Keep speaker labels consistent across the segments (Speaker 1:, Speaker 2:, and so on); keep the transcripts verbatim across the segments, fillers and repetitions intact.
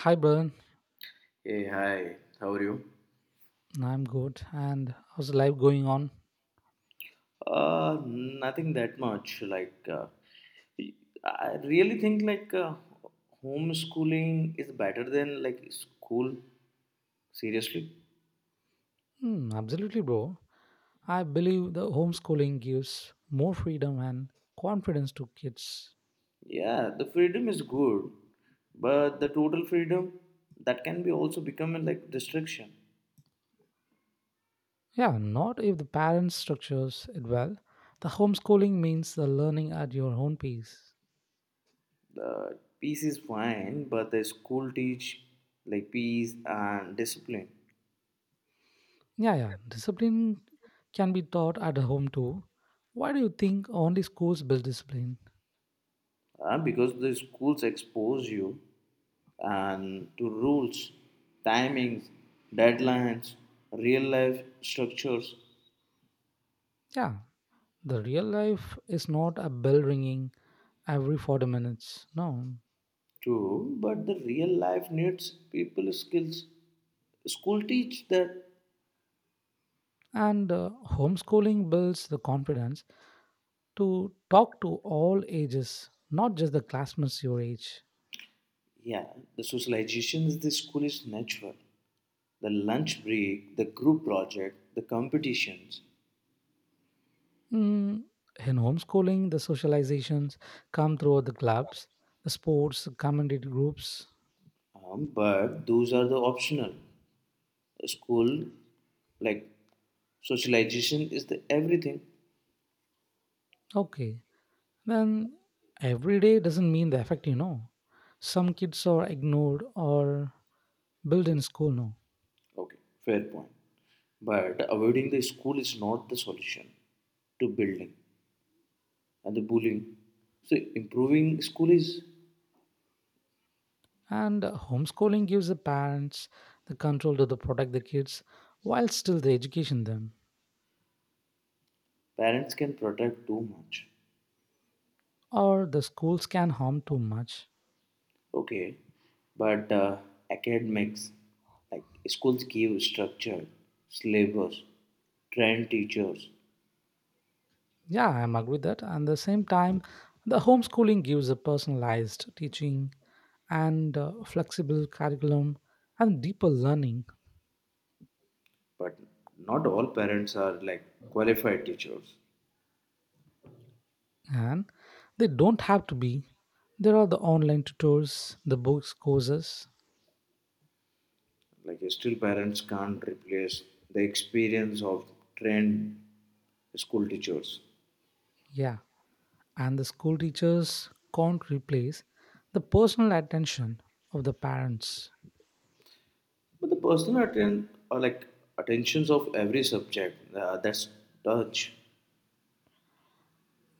Speaker 1: Hi, Brian.
Speaker 2: Hey, hi, how are you?
Speaker 1: I'm good. And how's life going on?
Speaker 2: Uh, nothing that much. Like, uh, I really think like uh, homeschooling is better than like school. Seriously,
Speaker 1: Hmm, absolutely, bro. I believe the homeschooling gives more freedom and confidence to kids.
Speaker 2: yeah, the freedom is good, but the total freedom that can be also become a, like restriction.
Speaker 1: Yeah, not if the parents structures it well. The homeschooling means the learning at your own pace.
Speaker 2: The peace is fine, but the school teach like peace and discipline.
Speaker 1: Yeah, yeah. Discipline can be taught at home too. Why do you think only schools build discipline?
Speaker 2: Uh, because the schools expose you and to rules, timings, deadlines, real life structures
Speaker 1: Yeah, the real life is not a bell ringing every forty minutes. No,
Speaker 2: too. But the real life needs people skills. School teach that,
Speaker 1: And uh, homeschooling builds the confidence to talk to all ages, not just the classmates your age.
Speaker 2: yeah, the socialization is the school is natural. The lunch break, the group project, the competitions,
Speaker 1: Mm, in homeschooling, the socializations come through the clubs, the sports, community groups.
Speaker 2: um, but those are the optional. School like socialization is the everything.
Speaker 1: Okay, then every day doesn't mean the effect, you know. Some kids are ignored or built in school, no.
Speaker 2: Okay, fair point. But avoiding the school is not the solution to building and the bullying. So improving school is
Speaker 1: And uh, homeschooling gives the parents the control to the protect the kids while still they education them,
Speaker 2: parents can protect too much.
Speaker 1: or the schools can harm too much.
Speaker 2: Okay, but uh, academics like schools give structure, syllabus, trained teachers,
Speaker 1: Yeah, I'm agree with that. And the same time, the homeschooling gives a personalized teaching and uh, flexible curriculum and deeper learning.
Speaker 2: but not all parents are like qualified teachers.
Speaker 1: And they don't have to be. There are the online tutors, the books courses.
Speaker 2: Like still parents can't replace the experience of trained school teachers.
Speaker 1: Yeah, and the school teachers can't replace the personal attention of the parents.
Speaker 2: But the personal atten- or like attentions of every subject uh, that's touch,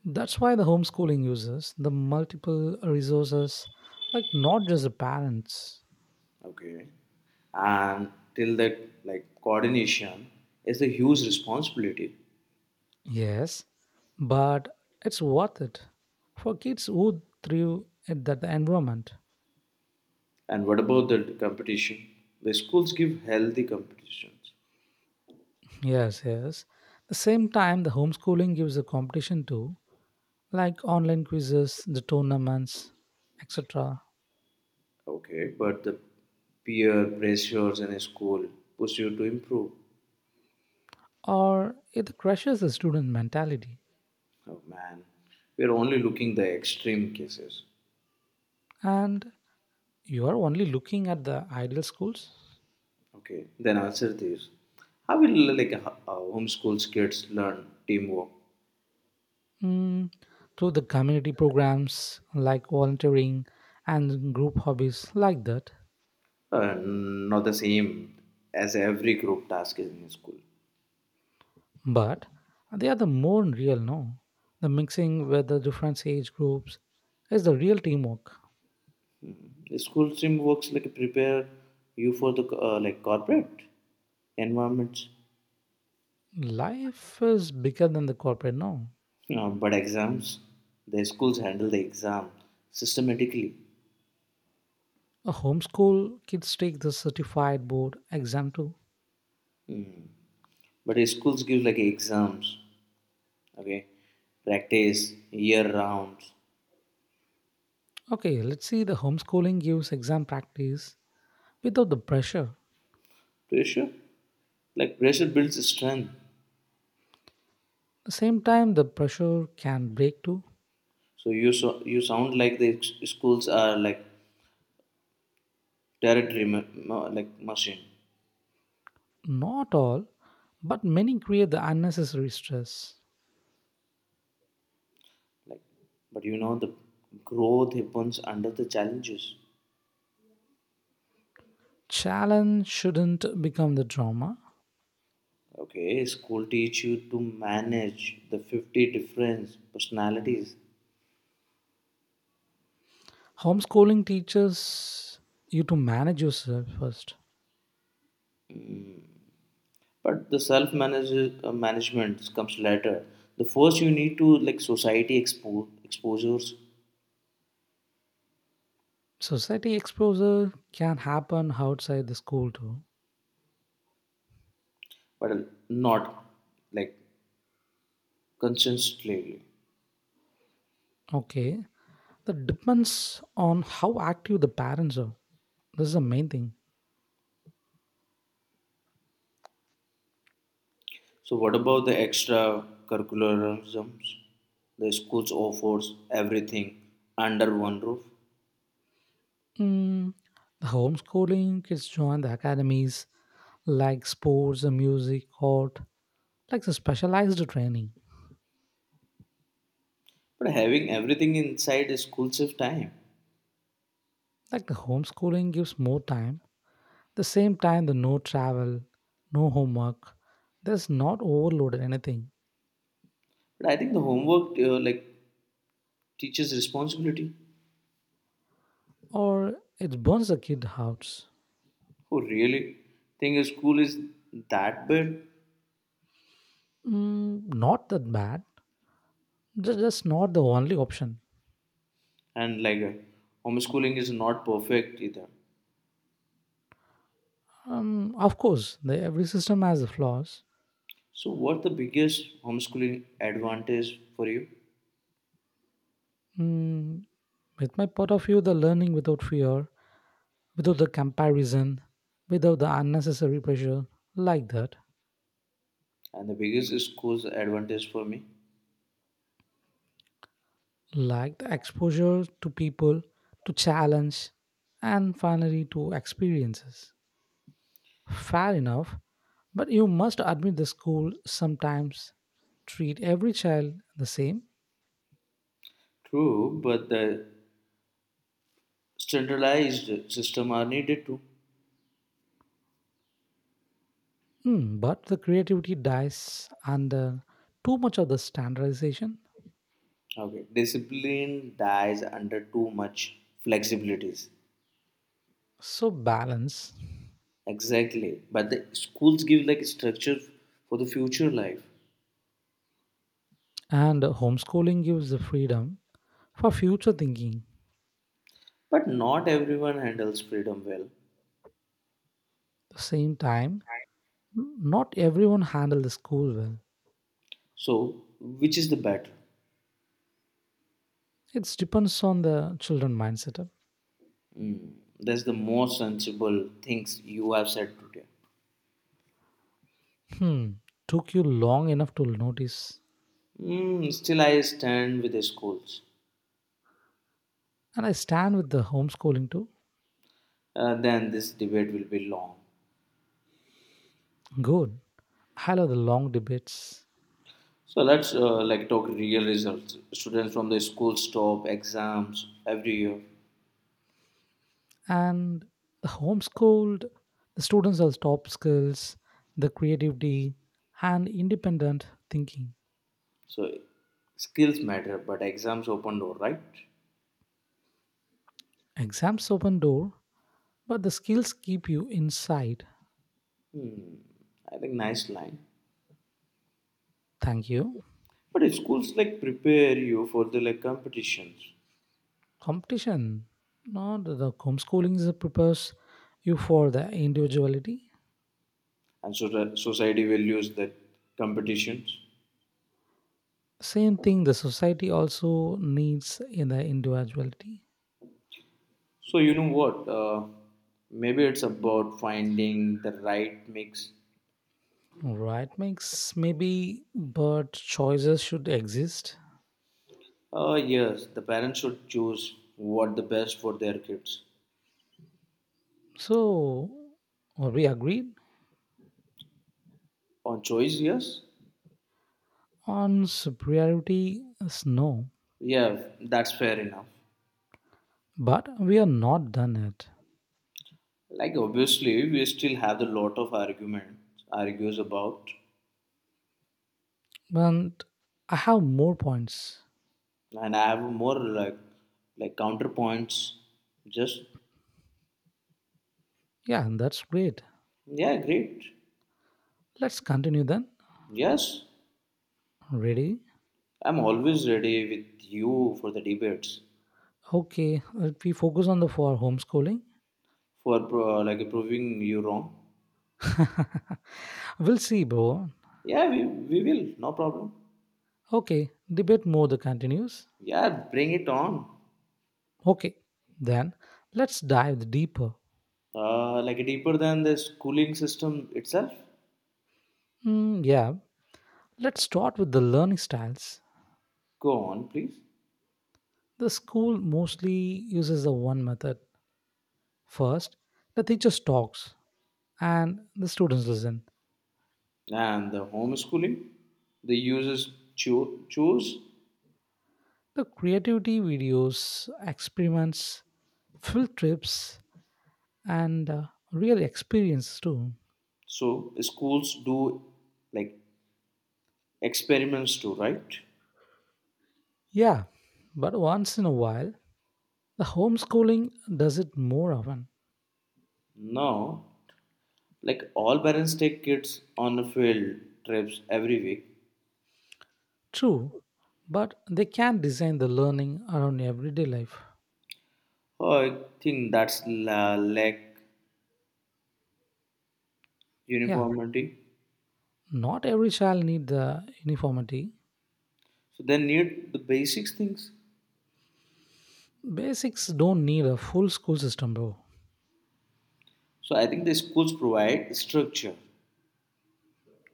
Speaker 1: That's why the homeschooling uses the multiple resources, like not just the parents.
Speaker 2: okay, and till that like coordination is a huge responsibility.
Speaker 1: Yes, but it's worth it for kids who thrive at that environment.
Speaker 2: And what about the competition? The schools give healthy competitions,
Speaker 1: Yes, yes. The same time, the homeschooling gives a competition too, like online quizzes, the tournaments, et cetera.
Speaker 2: okay, but the peer pressures in a school push you to improve.
Speaker 1: Or it crushes the student mentality.
Speaker 2: Oh man, we are only looking the extreme cases.
Speaker 1: And you are only looking at the ideal schools.
Speaker 2: Okay, then answer this. How will like ho- uh, homeschool kids learn teamwork?
Speaker 1: Mm, through the community programs like volunteering and group hobbies like that.
Speaker 2: Uh, not the same as every group task is in school.
Speaker 1: But they are the more real, no, the mixing with the different age groups is the real teamwork.
Speaker 2: School sim works like prepare you for the uh, like corporate environments.
Speaker 1: Life is bigger than the corporate, no.
Speaker 2: Uh, but exams, the schools handle the exam systematically.
Speaker 1: A homeschool kids take the certified board exam too.
Speaker 2: But the schools give like exams, okay, practice year rounds.
Speaker 1: Okay, let's see, the homeschooling gives exam practice without the pressure.
Speaker 2: Pressure, like pressure builds strength.
Speaker 1: The same time, the pressure can break too.
Speaker 2: So you so you sound like the schools are like territory ma- ma- like machine.
Speaker 1: Not all, but many create the unnecessary stress.
Speaker 2: Like, but you know, the growth happens under the challenges.
Speaker 1: Challenge shouldn't become the drama.
Speaker 2: Okay, school teach you to manage the fifty different personalities,
Speaker 1: Homeschooling teaches you to manage yourself first.
Speaker 2: but the self manage uh, management comes later. The first you need to like society expo- exposures,
Speaker 1: Society exposure can happen outside the school too.
Speaker 2: but not like consistently.
Speaker 1: Okay. That depends on how active the parents are. This is the main thing.
Speaker 2: So, what about the extracurriculars? The schools offers everything under one roof,
Speaker 1: Mm, the homeschooling kids join the academies like sports, and music, art, like the specialized training.
Speaker 2: but having everything inside a school saves time.
Speaker 1: Like the homeschooling gives more time. The same time, the no travel, no homework. There's not overloaded anything.
Speaker 2: But I think the homework uh, like teaches responsibility.
Speaker 1: Or it burns the kid house.
Speaker 2: Oh, really? Think school is that bad,
Speaker 1: Mm, not that bad. Just, just not the only option.
Speaker 2: and like uh, homeschooling is not perfect either.
Speaker 1: Um, of course, the, every system has the flaws.
Speaker 2: So, what the biggest homeschooling advantage for you,
Speaker 1: Mm, with my point of view, the learning without fear, without the comparison, without the unnecessary pressure, like that,
Speaker 2: and the biggest school's advantage for me?
Speaker 1: like the exposure to people, to challenge, and finally to experiences. Fair enough, but you must admit the school sometimes treat every child the same.
Speaker 2: True, but the standardized system are needed too.
Speaker 1: Hmm, but the creativity dies under too much of the standardization.
Speaker 2: Okay, discipline dies under too much flexibilities.
Speaker 1: So balance,
Speaker 2: Exactly, but the schools give like structure for the future life.
Speaker 1: and homeschooling gives the freedom for future thinking.
Speaker 2: But not everyone handles freedom well.
Speaker 1: At the same time, not everyone handle the school well.
Speaker 2: So, which is the better?
Speaker 1: It depends on the children mindset.
Speaker 2: That's the most sensible things you have said today.
Speaker 1: Hmm, took you long enough to notice.
Speaker 2: Hmm, still, I stand with the schools.
Speaker 1: And I stand with the homeschooling too.
Speaker 2: Uh, then this debate will be long.
Speaker 1: Good. I love the long debates,
Speaker 2: So let's uh, like talk real results. Students from the schools stop exams every year.
Speaker 1: and the homeschooled, the students are top skills, the creativity and independent thinking.
Speaker 2: So skills matter, but exams open door, right?
Speaker 1: Exams open door, but the skills keep you inside.
Speaker 2: Hmm, I think nice line.
Speaker 1: Thank you.
Speaker 2: But if schools like prepare you for the like competitions,
Speaker 1: Competition. Not the homeschooling is- prepares you for the individuality.
Speaker 2: and so the society values that competitions.
Speaker 1: Same thing, the society also needs in the individuality.
Speaker 2: So you know what? Uh, maybe it's about finding the right mix.
Speaker 1: Right mix, maybe, but choices should exist.
Speaker 2: Uh, yes, the parents should choose what the best for their kids.
Speaker 1: So, we agreed
Speaker 2: On choice, yes,
Speaker 1: on superiority is no,
Speaker 2: yeah, that's fair enough.
Speaker 1: but we are not done yet.
Speaker 2: Like obviously, we still have a lot of arguments, argues about,
Speaker 1: And I have more points.
Speaker 2: and I have more like like counterpoints. Just
Speaker 1: Yeah, and that's great.
Speaker 2: yeah, great.
Speaker 1: Let's continue then.
Speaker 2: Yes,
Speaker 1: Ready?
Speaker 2: I'm always ready with you for the debates,
Speaker 1: Okay, if we focus on the for homeschooling.
Speaker 2: for pro- like proving you wrong.
Speaker 1: We'll see, bro.
Speaker 2: Yeah, we, we will, no problem.
Speaker 1: Okay, debate more the continues.
Speaker 2: Yeah, bring it on.
Speaker 1: Okay, then let's dive deeper.
Speaker 2: Uh, like deeper than the schooling system itself.
Speaker 1: Mm, yeah, let's start with the learning styles.
Speaker 2: Go on, please.
Speaker 1: The school mostly uses the one method. First, the teacher talks and the students listen.
Speaker 2: And the homeschooling, the users cho- choose.
Speaker 1: The creativity videos, experiments, field trips, and uh, real experience too.
Speaker 2: So schools do like experiments too, right?
Speaker 1: Yeah, but once in a while, the homeschooling does it more often.
Speaker 2: Now, like all parents take kids on the field trips every week.
Speaker 1: True, but they can design the learning around everyday life.
Speaker 2: Oh, I think that's la- lack
Speaker 1: Yeah,
Speaker 2: uniformity.
Speaker 1: not every child need the uniformity.
Speaker 2: So they need the basics things.
Speaker 1: Basics don't need a full school system, bro.
Speaker 2: So I think the schools provide structure.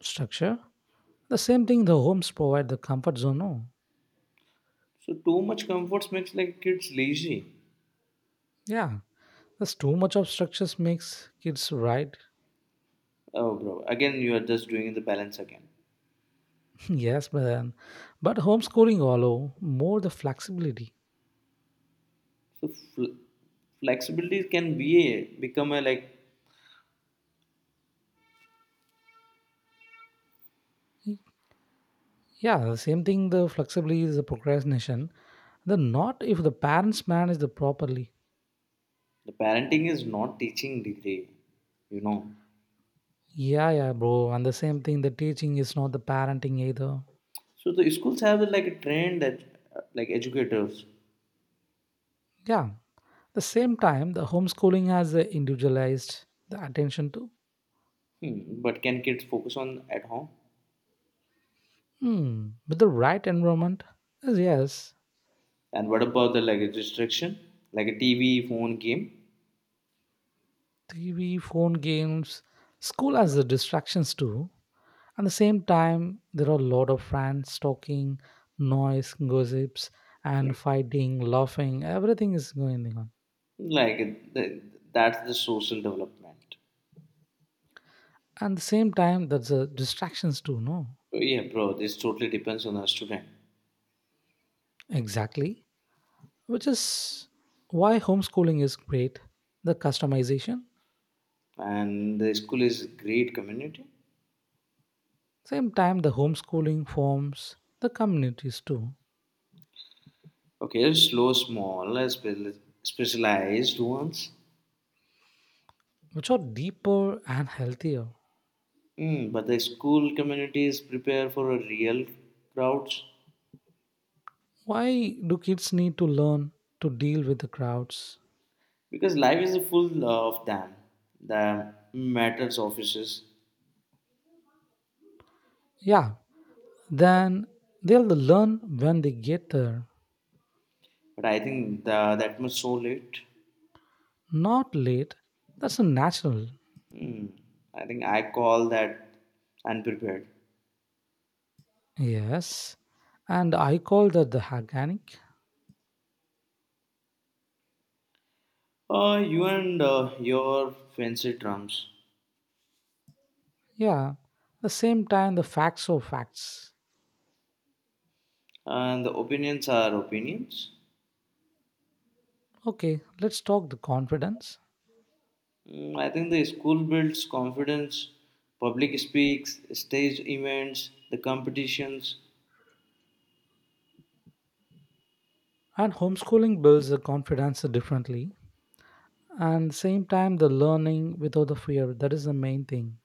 Speaker 1: Structure. The same thing, the homes provide the comfort zone, no.
Speaker 2: So too much comforts makes like kids lazy.
Speaker 1: Yeah, that's too much of structures makes kids right.
Speaker 2: Oh, bro, again you are just doing the balance again.
Speaker 1: Yes, but then, but homeschooling allow more the flexibility.
Speaker 2: So fl- flexibility can be a, become a like
Speaker 1: Yeah, the same thing. The flexibility is the procrastination. The not if the parents manage the properly.
Speaker 2: the parenting is not teaching degree, you know.
Speaker 1: Yeah, yeah, bro. And the same thing. The teaching is not the parenting either.
Speaker 2: So the schools have like a trained that uh, like educators,
Speaker 1: Yeah. The same time, the homeschooling has the individualized the attention to.
Speaker 2: hmm, but can kids focus on at home?
Speaker 1: Hmm. With the right environment, yes, yes.
Speaker 2: And what about the like restriction, like a T V, phone, game?
Speaker 1: T V, phone games, school has the distractions too. At the same time, there are a lot of friends talking, noise, gossips, and fighting, laughing. Everything is going on.
Speaker 2: Like th- that's the social development.
Speaker 1: And the same time, that's the distractions too, no.
Speaker 2: So, yeah, bro, this totally depends on the student.
Speaker 1: Exactly. Which is why homeschooling is great. The customization.
Speaker 2: And the school is great community.
Speaker 1: Same time, the homeschooling forms the communities too,
Speaker 2: Okay, slow, small, uh, spe- specialized ones.
Speaker 1: which are deeper and healthier.
Speaker 2: Mm, but the school community is prepared for a real crowds
Speaker 1: Why do kids need to learn to deal with the crowds?
Speaker 2: because life is full of them. The matters offices,
Speaker 1: Yeah, then they'll learn when they get there,
Speaker 2: but I think the, that much so late.
Speaker 1: not late. That's a natural.
Speaker 2: Hmm, I think I call that unprepared.
Speaker 1: Yes, and I call that the organic.
Speaker 2: Uh, you and uh, your fancy drums,
Speaker 1: Yeah, the same time the facts are facts.
Speaker 2: uh, and the opinions are opinions.
Speaker 1: Okay, let's talk the confidence.
Speaker 2: Mm, I think the school builds confidence, public speaks, stage events, the competitions.
Speaker 1: And homeschooling builds the confidence differently. And same time the learning without the fear. That is the main thing.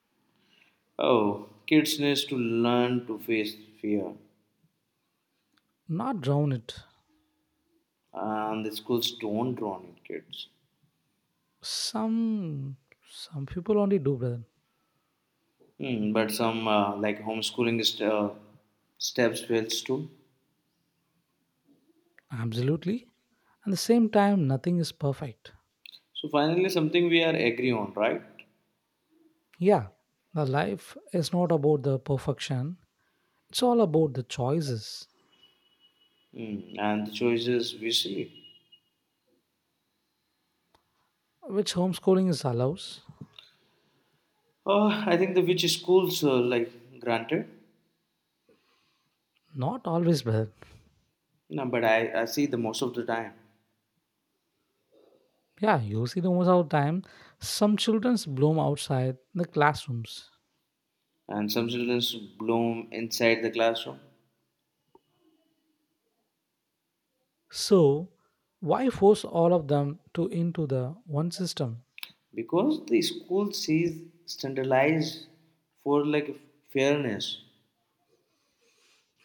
Speaker 2: Oh, kids need to learn to face fear,
Speaker 1: Not drown it.
Speaker 2: and the schools don't drown in kids.
Speaker 1: some some people only do, brother.
Speaker 2: Hmm, but some uh, like homeschooling st- uh, steps fails too.
Speaker 1: Absolutely, at the same time nothing is perfect.
Speaker 2: So finally, something we are agree on, right?
Speaker 1: Yeah, the life is not about the perfection, it's all about the choices,
Speaker 2: Mm, and the choices we see.
Speaker 1: which homeschooling is allows.
Speaker 2: Oh, I think the which schools uh, like granted,
Speaker 1: Not always, brother.
Speaker 2: no, but I, I see the most of the time.
Speaker 1: Yeah, you see the most of the time some children's bloom outside the classrooms.
Speaker 2: And some children bloom inside the classroom
Speaker 1: So why force all of them to into the one system?
Speaker 2: because the school sees standardized for like fairness.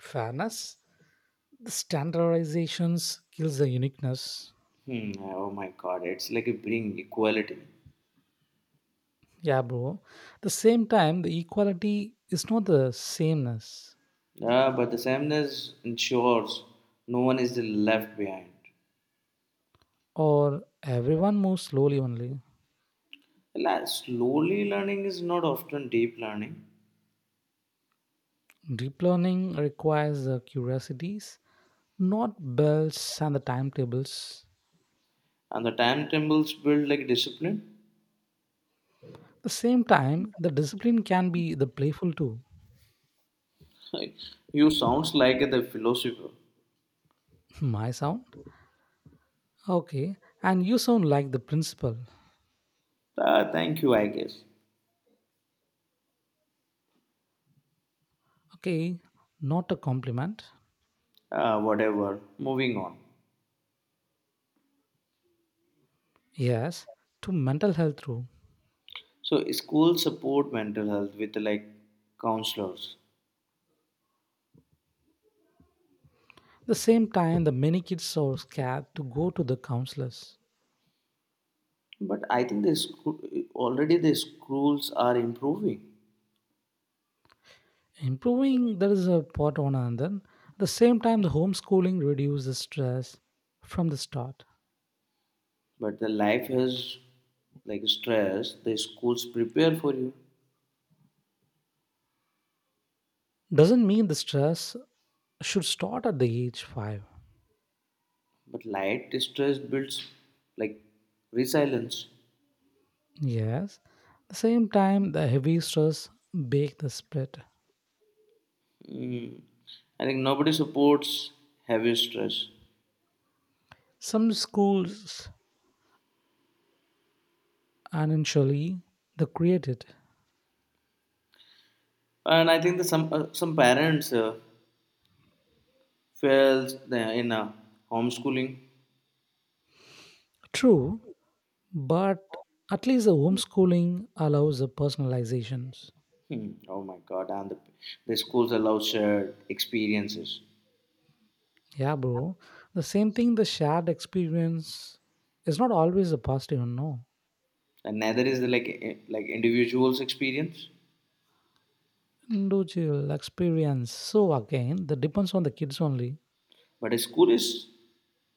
Speaker 1: Fairness, the standardizations kills the uniqueness.
Speaker 2: Hmm, oh my God, it's like a bring equality.
Speaker 1: Yeah, bro. The same time, the equality is not the sameness,
Speaker 2: Yeah, but the sameness ensures no one is left behind.
Speaker 1: or everyone moves slowly only.
Speaker 2: La- Slowly learning is not often deep learning,
Speaker 1: Deep learning requires the curiosities, not bells and the timetables.
Speaker 2: and the timetables build like discipline.
Speaker 1: The same time, the discipline can be the playful too.
Speaker 2: You sounds like the philosopher.
Speaker 1: My sound? Okay. And you sound like the principal.
Speaker 2: Ah, thank you, I guess.
Speaker 1: Okay. Not a compliment.
Speaker 2: Ah, whatever. Moving on.
Speaker 1: Yes. To mental health too.
Speaker 2: So schools support mental health with like counselors,
Speaker 1: The same time, the many kids are scared to go to the counselors.
Speaker 2: but I think the school already the schools are improving.
Speaker 1: Improving there is a part on another. At the same time the homeschooling reduces stress from the start.
Speaker 2: But the life has like stress. The schools prepare for you,
Speaker 1: Doesn't mean the stress should start at the age five.
Speaker 2: but light stress builds like resilience.
Speaker 1: Yes, at the same time the heavy stress bake the split.
Speaker 2: I think nobody supports heavy stress,
Speaker 1: Some schools, initially, they created.
Speaker 2: and I think that some uh, some parents. Uh, fails the- in uh, homeschooling.
Speaker 1: True, but at least the homeschooling allows the personalizations.
Speaker 2: Hmm. Oh my God! And the, the schools allow shared experiences,
Speaker 1: Yeah, bro, the same thing the shared experience is not always a positive, no.
Speaker 2: and neither is the, like eh, like individuals' experience,
Speaker 1: Individual experience. So again, that depends on the kids only.
Speaker 2: but a school is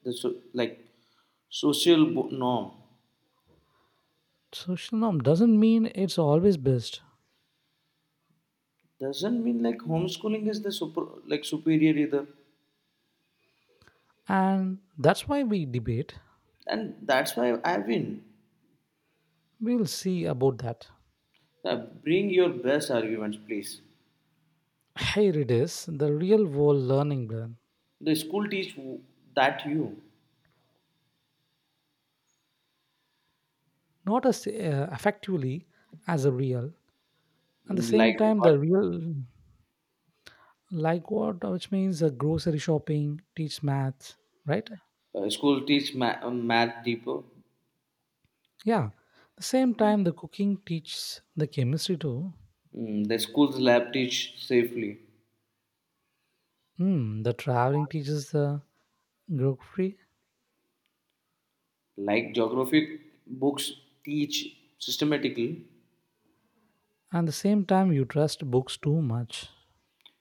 Speaker 2: the so, like social bo- norm.
Speaker 1: Social norm doesn't mean it's always best.
Speaker 2: Doesn't mean like homeschooling is the super like superior either,
Speaker 1: And that's why we debate.
Speaker 2: and that's why I win.
Speaker 1: We'll see about that.
Speaker 2: Uh, bring your best arguments, please.
Speaker 1: Here it is, the real world learning plan.
Speaker 2: The school teach w- that you
Speaker 1: Not as uh, effectively as a real. At the same
Speaker 2: like
Speaker 1: time,
Speaker 2: what
Speaker 1: the real, like what, which means the grocery shopping, teach math, right?
Speaker 2: uh, school teach ma- uh, math deeper.
Speaker 1: Yeah. The same time, the cooking teaches the chemistry too.
Speaker 2: Mm, the school's lab teach safely.
Speaker 1: Hmm, the traveling teaches the geography,
Speaker 2: Like geography books teach systematically.
Speaker 1: and the same time you trust books too much.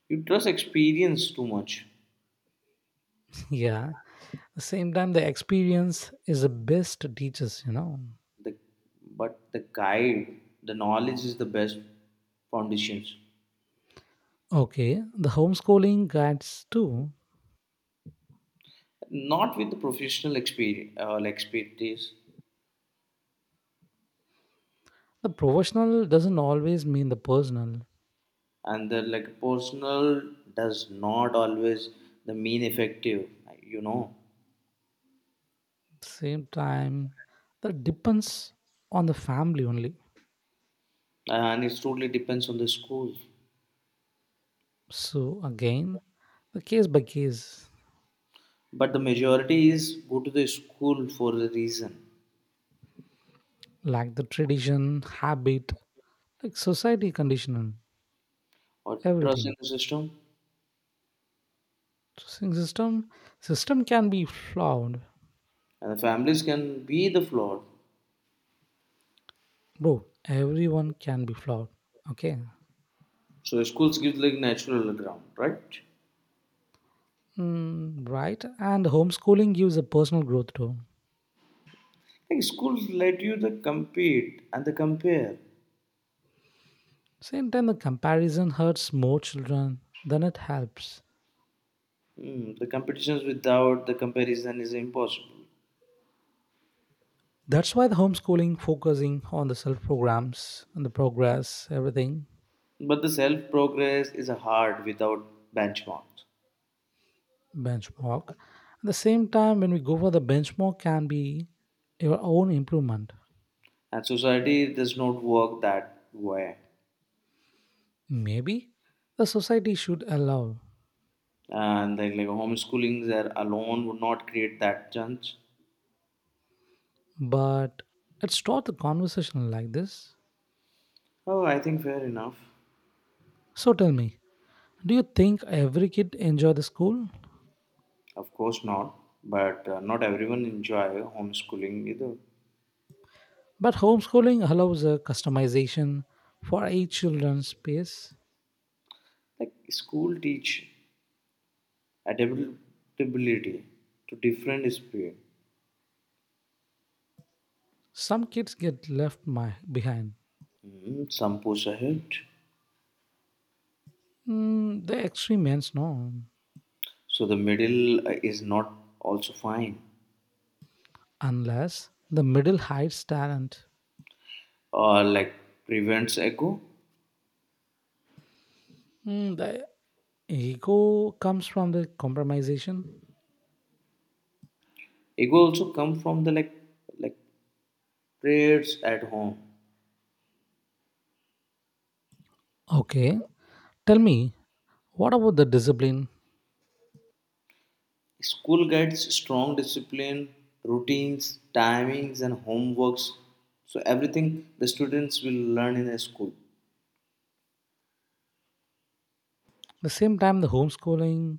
Speaker 2: You trust experience too much.
Speaker 1: Yeah, the same time the experience is the best teachers, you know.
Speaker 2: The, but the guide, the knowledge is the best foundations.
Speaker 1: Okay, the homeschooling guides too.
Speaker 2: Not with the professional experience, uh, like expertise,
Speaker 1: The professional doesn't always mean the personal.
Speaker 2: and the like personal does not always the mean effective. You know,
Speaker 1: Same time, that depends on the family only.
Speaker 2: and it totally depends on the school.
Speaker 1: So again, the case by case,
Speaker 2: But the majority is go to the school for the reason
Speaker 1: like the tradition, habit, like society conditional,
Speaker 2: or trust in
Speaker 1: everything.
Speaker 2: the system,
Speaker 1: So, system system can be flawed.
Speaker 2: and the families can be the flawed.
Speaker 1: Bro, everyone can be flawed. Okay.
Speaker 2: So schools give like natural ground, right?
Speaker 1: Mm, right. And homeschooling gives a personal growth too.
Speaker 2: Like schools let you the compete and the compare.
Speaker 1: Same time, the comparison hurts more children than it helps.
Speaker 2: Hmm, the competitions without the comparison is impossible.
Speaker 1: That's why the homeschooling focusing on the self programs and the progress, everything,
Speaker 2: But the self progress is hard without benchmarks,
Speaker 1: benchmark. At the same time, when we go for the benchmark, can be your own improvement.
Speaker 2: and society does not work that way.
Speaker 1: Maybe the society should allow,
Speaker 2: And like like homeschoolings are alone would not create that chance.
Speaker 1: but let's start the conversation like this.
Speaker 2: Oh, I think fair enough.
Speaker 1: So tell me, do you think every kid enjoy the school?
Speaker 2: Of course not, but uh, not everyone enjoy homeschooling either.
Speaker 1: But homeschooling allows a customization for each children's pace.
Speaker 2: Like school teach adaptability to different speed.
Speaker 1: Some kids get left my, behind.
Speaker 2: Mm, some push ahead,
Speaker 1: Mm, the extreme ends, no,
Speaker 2: so the middle uh, is not also fine.
Speaker 1: unless the middle hides talent.
Speaker 2: Or like prevents ego.
Speaker 1: Mm, the ego comes from the compromisation.
Speaker 2: Ego also come from the like like prayers at home.
Speaker 1: Okay, tell me, what about the discipline?
Speaker 2: School guides strong discipline, routines, timings, and homeworks. So everything the students will learn in a school
Speaker 1: The same time, the homeschooling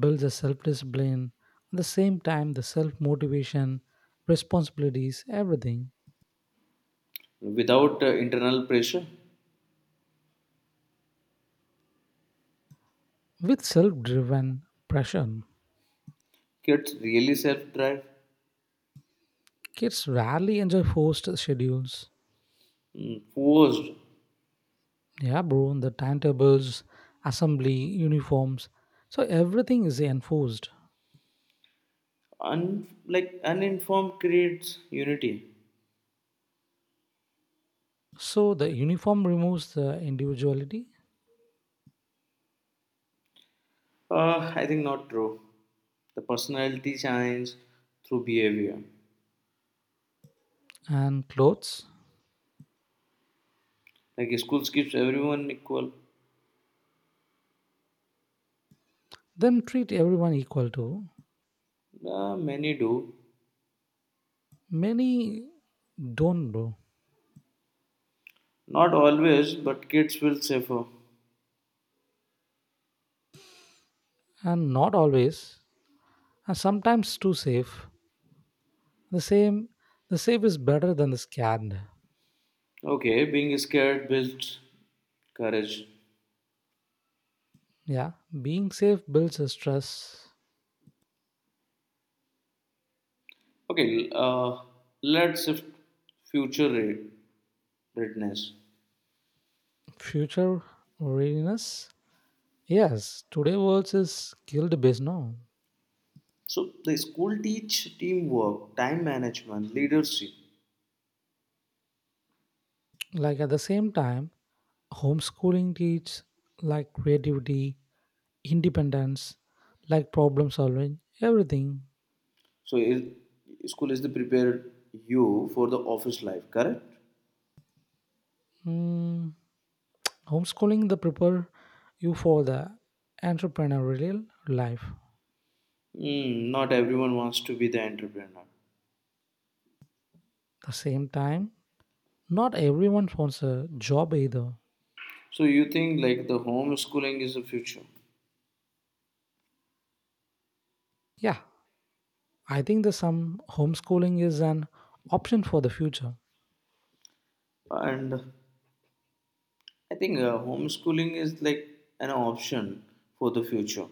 Speaker 1: builds a self discipline. At the same time, the self motivation, responsibilities, everything.
Speaker 2: without uh, internal pressure
Speaker 1: With self driven pressure,
Speaker 2: kids really self-drive.
Speaker 1: kids rarely enjoy forced schedules.
Speaker 2: Mm, forced
Speaker 1: Yeah, bro, the timetables, assembly, uniforms. So everything is enforced.
Speaker 2: un- like uninformed creates unity.
Speaker 1: So the uniform removes the individuality
Speaker 2: uh, I think not true, the personality shines through behavior
Speaker 1: and clothes,
Speaker 2: like schools keeps everyone equal.
Speaker 1: then treat everyone equal to.
Speaker 2: Uh, many do
Speaker 1: Many don't, bro,
Speaker 2: not always but kids will suffer,
Speaker 1: and not always are sometimes too safe. The same, the safe is better than the scared.
Speaker 2: okay being scared builds courage.
Speaker 1: Yeah, being safe builds a stress.
Speaker 2: okay l- uh, let's shift future re- readiness.
Speaker 1: Future readiness. Yes, today world is killed based now.
Speaker 2: So the school teach teamwork, time management, leadership.
Speaker 1: Like at the same time, homeschooling teach like creativity, independence, like problem solving, everything.
Speaker 2: So it, school is the prepare you for the office life, correct?
Speaker 1: Mm, homeschooling the prepare you for the entrepreneurial life. At
Speaker 2: Hmm, not everyone wants to be the entrepreneur.
Speaker 1: the same time, not everyone wants a job either.
Speaker 2: So you think like the homeschooling is the future,
Speaker 1: Yeah, I think that some homeschooling is an option for the future,
Speaker 2: and I think uh, homeschooling is like an option for the future.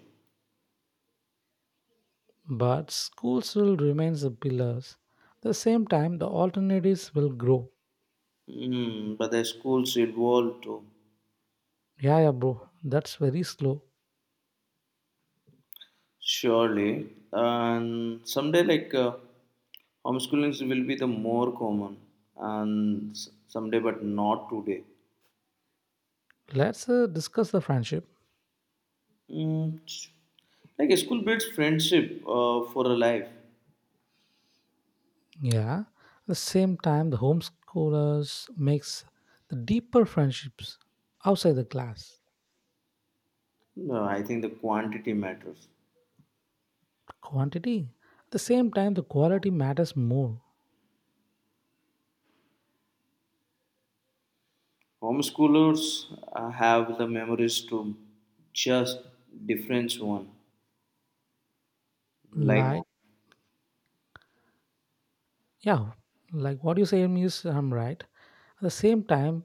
Speaker 1: but school still remains the pillars. At the same time, the alternatives will grow.
Speaker 2: Hmm, but the schools evolve too.
Speaker 1: Yeah, yeah, bro, that's very slow.
Speaker 2: Surely, and someday like uh, homeschooling will be the more common, and s- someday, but not today.
Speaker 1: Let's uh, discuss the friendship.
Speaker 2: Mm, ch- like school builds friendship uh, for a life.
Speaker 1: Yeah, at the same time, the homeschoolers makes the deeper friendships outside the class.
Speaker 2: No, I think the quantity matters.
Speaker 1: Quantity. At the same time, the quality matters more.
Speaker 2: Homeschoolers uh, have the memories to just difference one. Like
Speaker 1: Like, yeah, like what you say is I'm right. At the same time,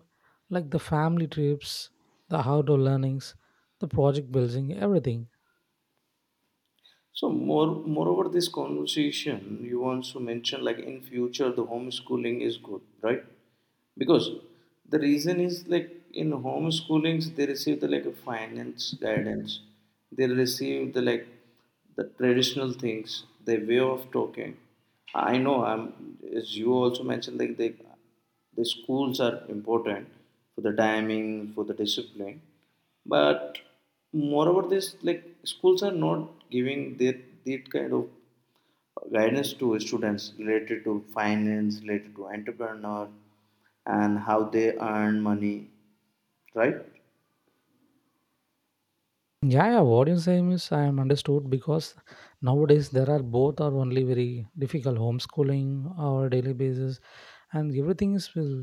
Speaker 1: like the family trips, the outdoor learnings, the project building, everything.
Speaker 2: so, more moreover, this conversation you want to mention like in future the homeschooling is good, right? Because the reason is like in homeschoolings they receive the like a finance guidance, they receive the like the traditional things, the way of talking. I know i'm as you also mentioned like they the schools are important for the timing for the discipline, but moreover this like schools are not giving that that kind of guidance to students related to finance, related to entrepreneur, and how they earn money, right?
Speaker 1: Yeah, yeah, what you say, saying is I am understood, because nowadays there are both are only very difficult homeschooling or daily basis, and everything is will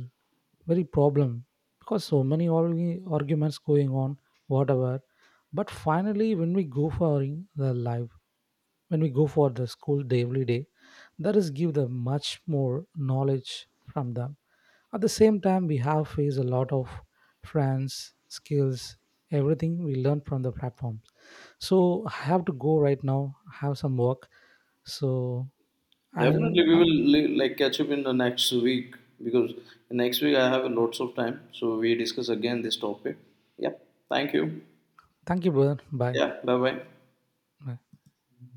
Speaker 1: very problem, because so many argu- arguments going on, whatever. But finally, when we go for in the life, when we go for the school day every day, that is give them much more knowledge from them. At the same time, we have faced a lot of friends skills, everything we learn from the platform. So I have to go right now, have some work. So i'm
Speaker 2: Definitely, we
Speaker 1: uh,
Speaker 2: will li- like catch up in the next week because next week I have lots of time. So we discuss again this topic. Yeah. Thank you.
Speaker 1: Thank you, brother. Bye.
Speaker 2: Yeah. Bye bye.
Speaker 1: Bye.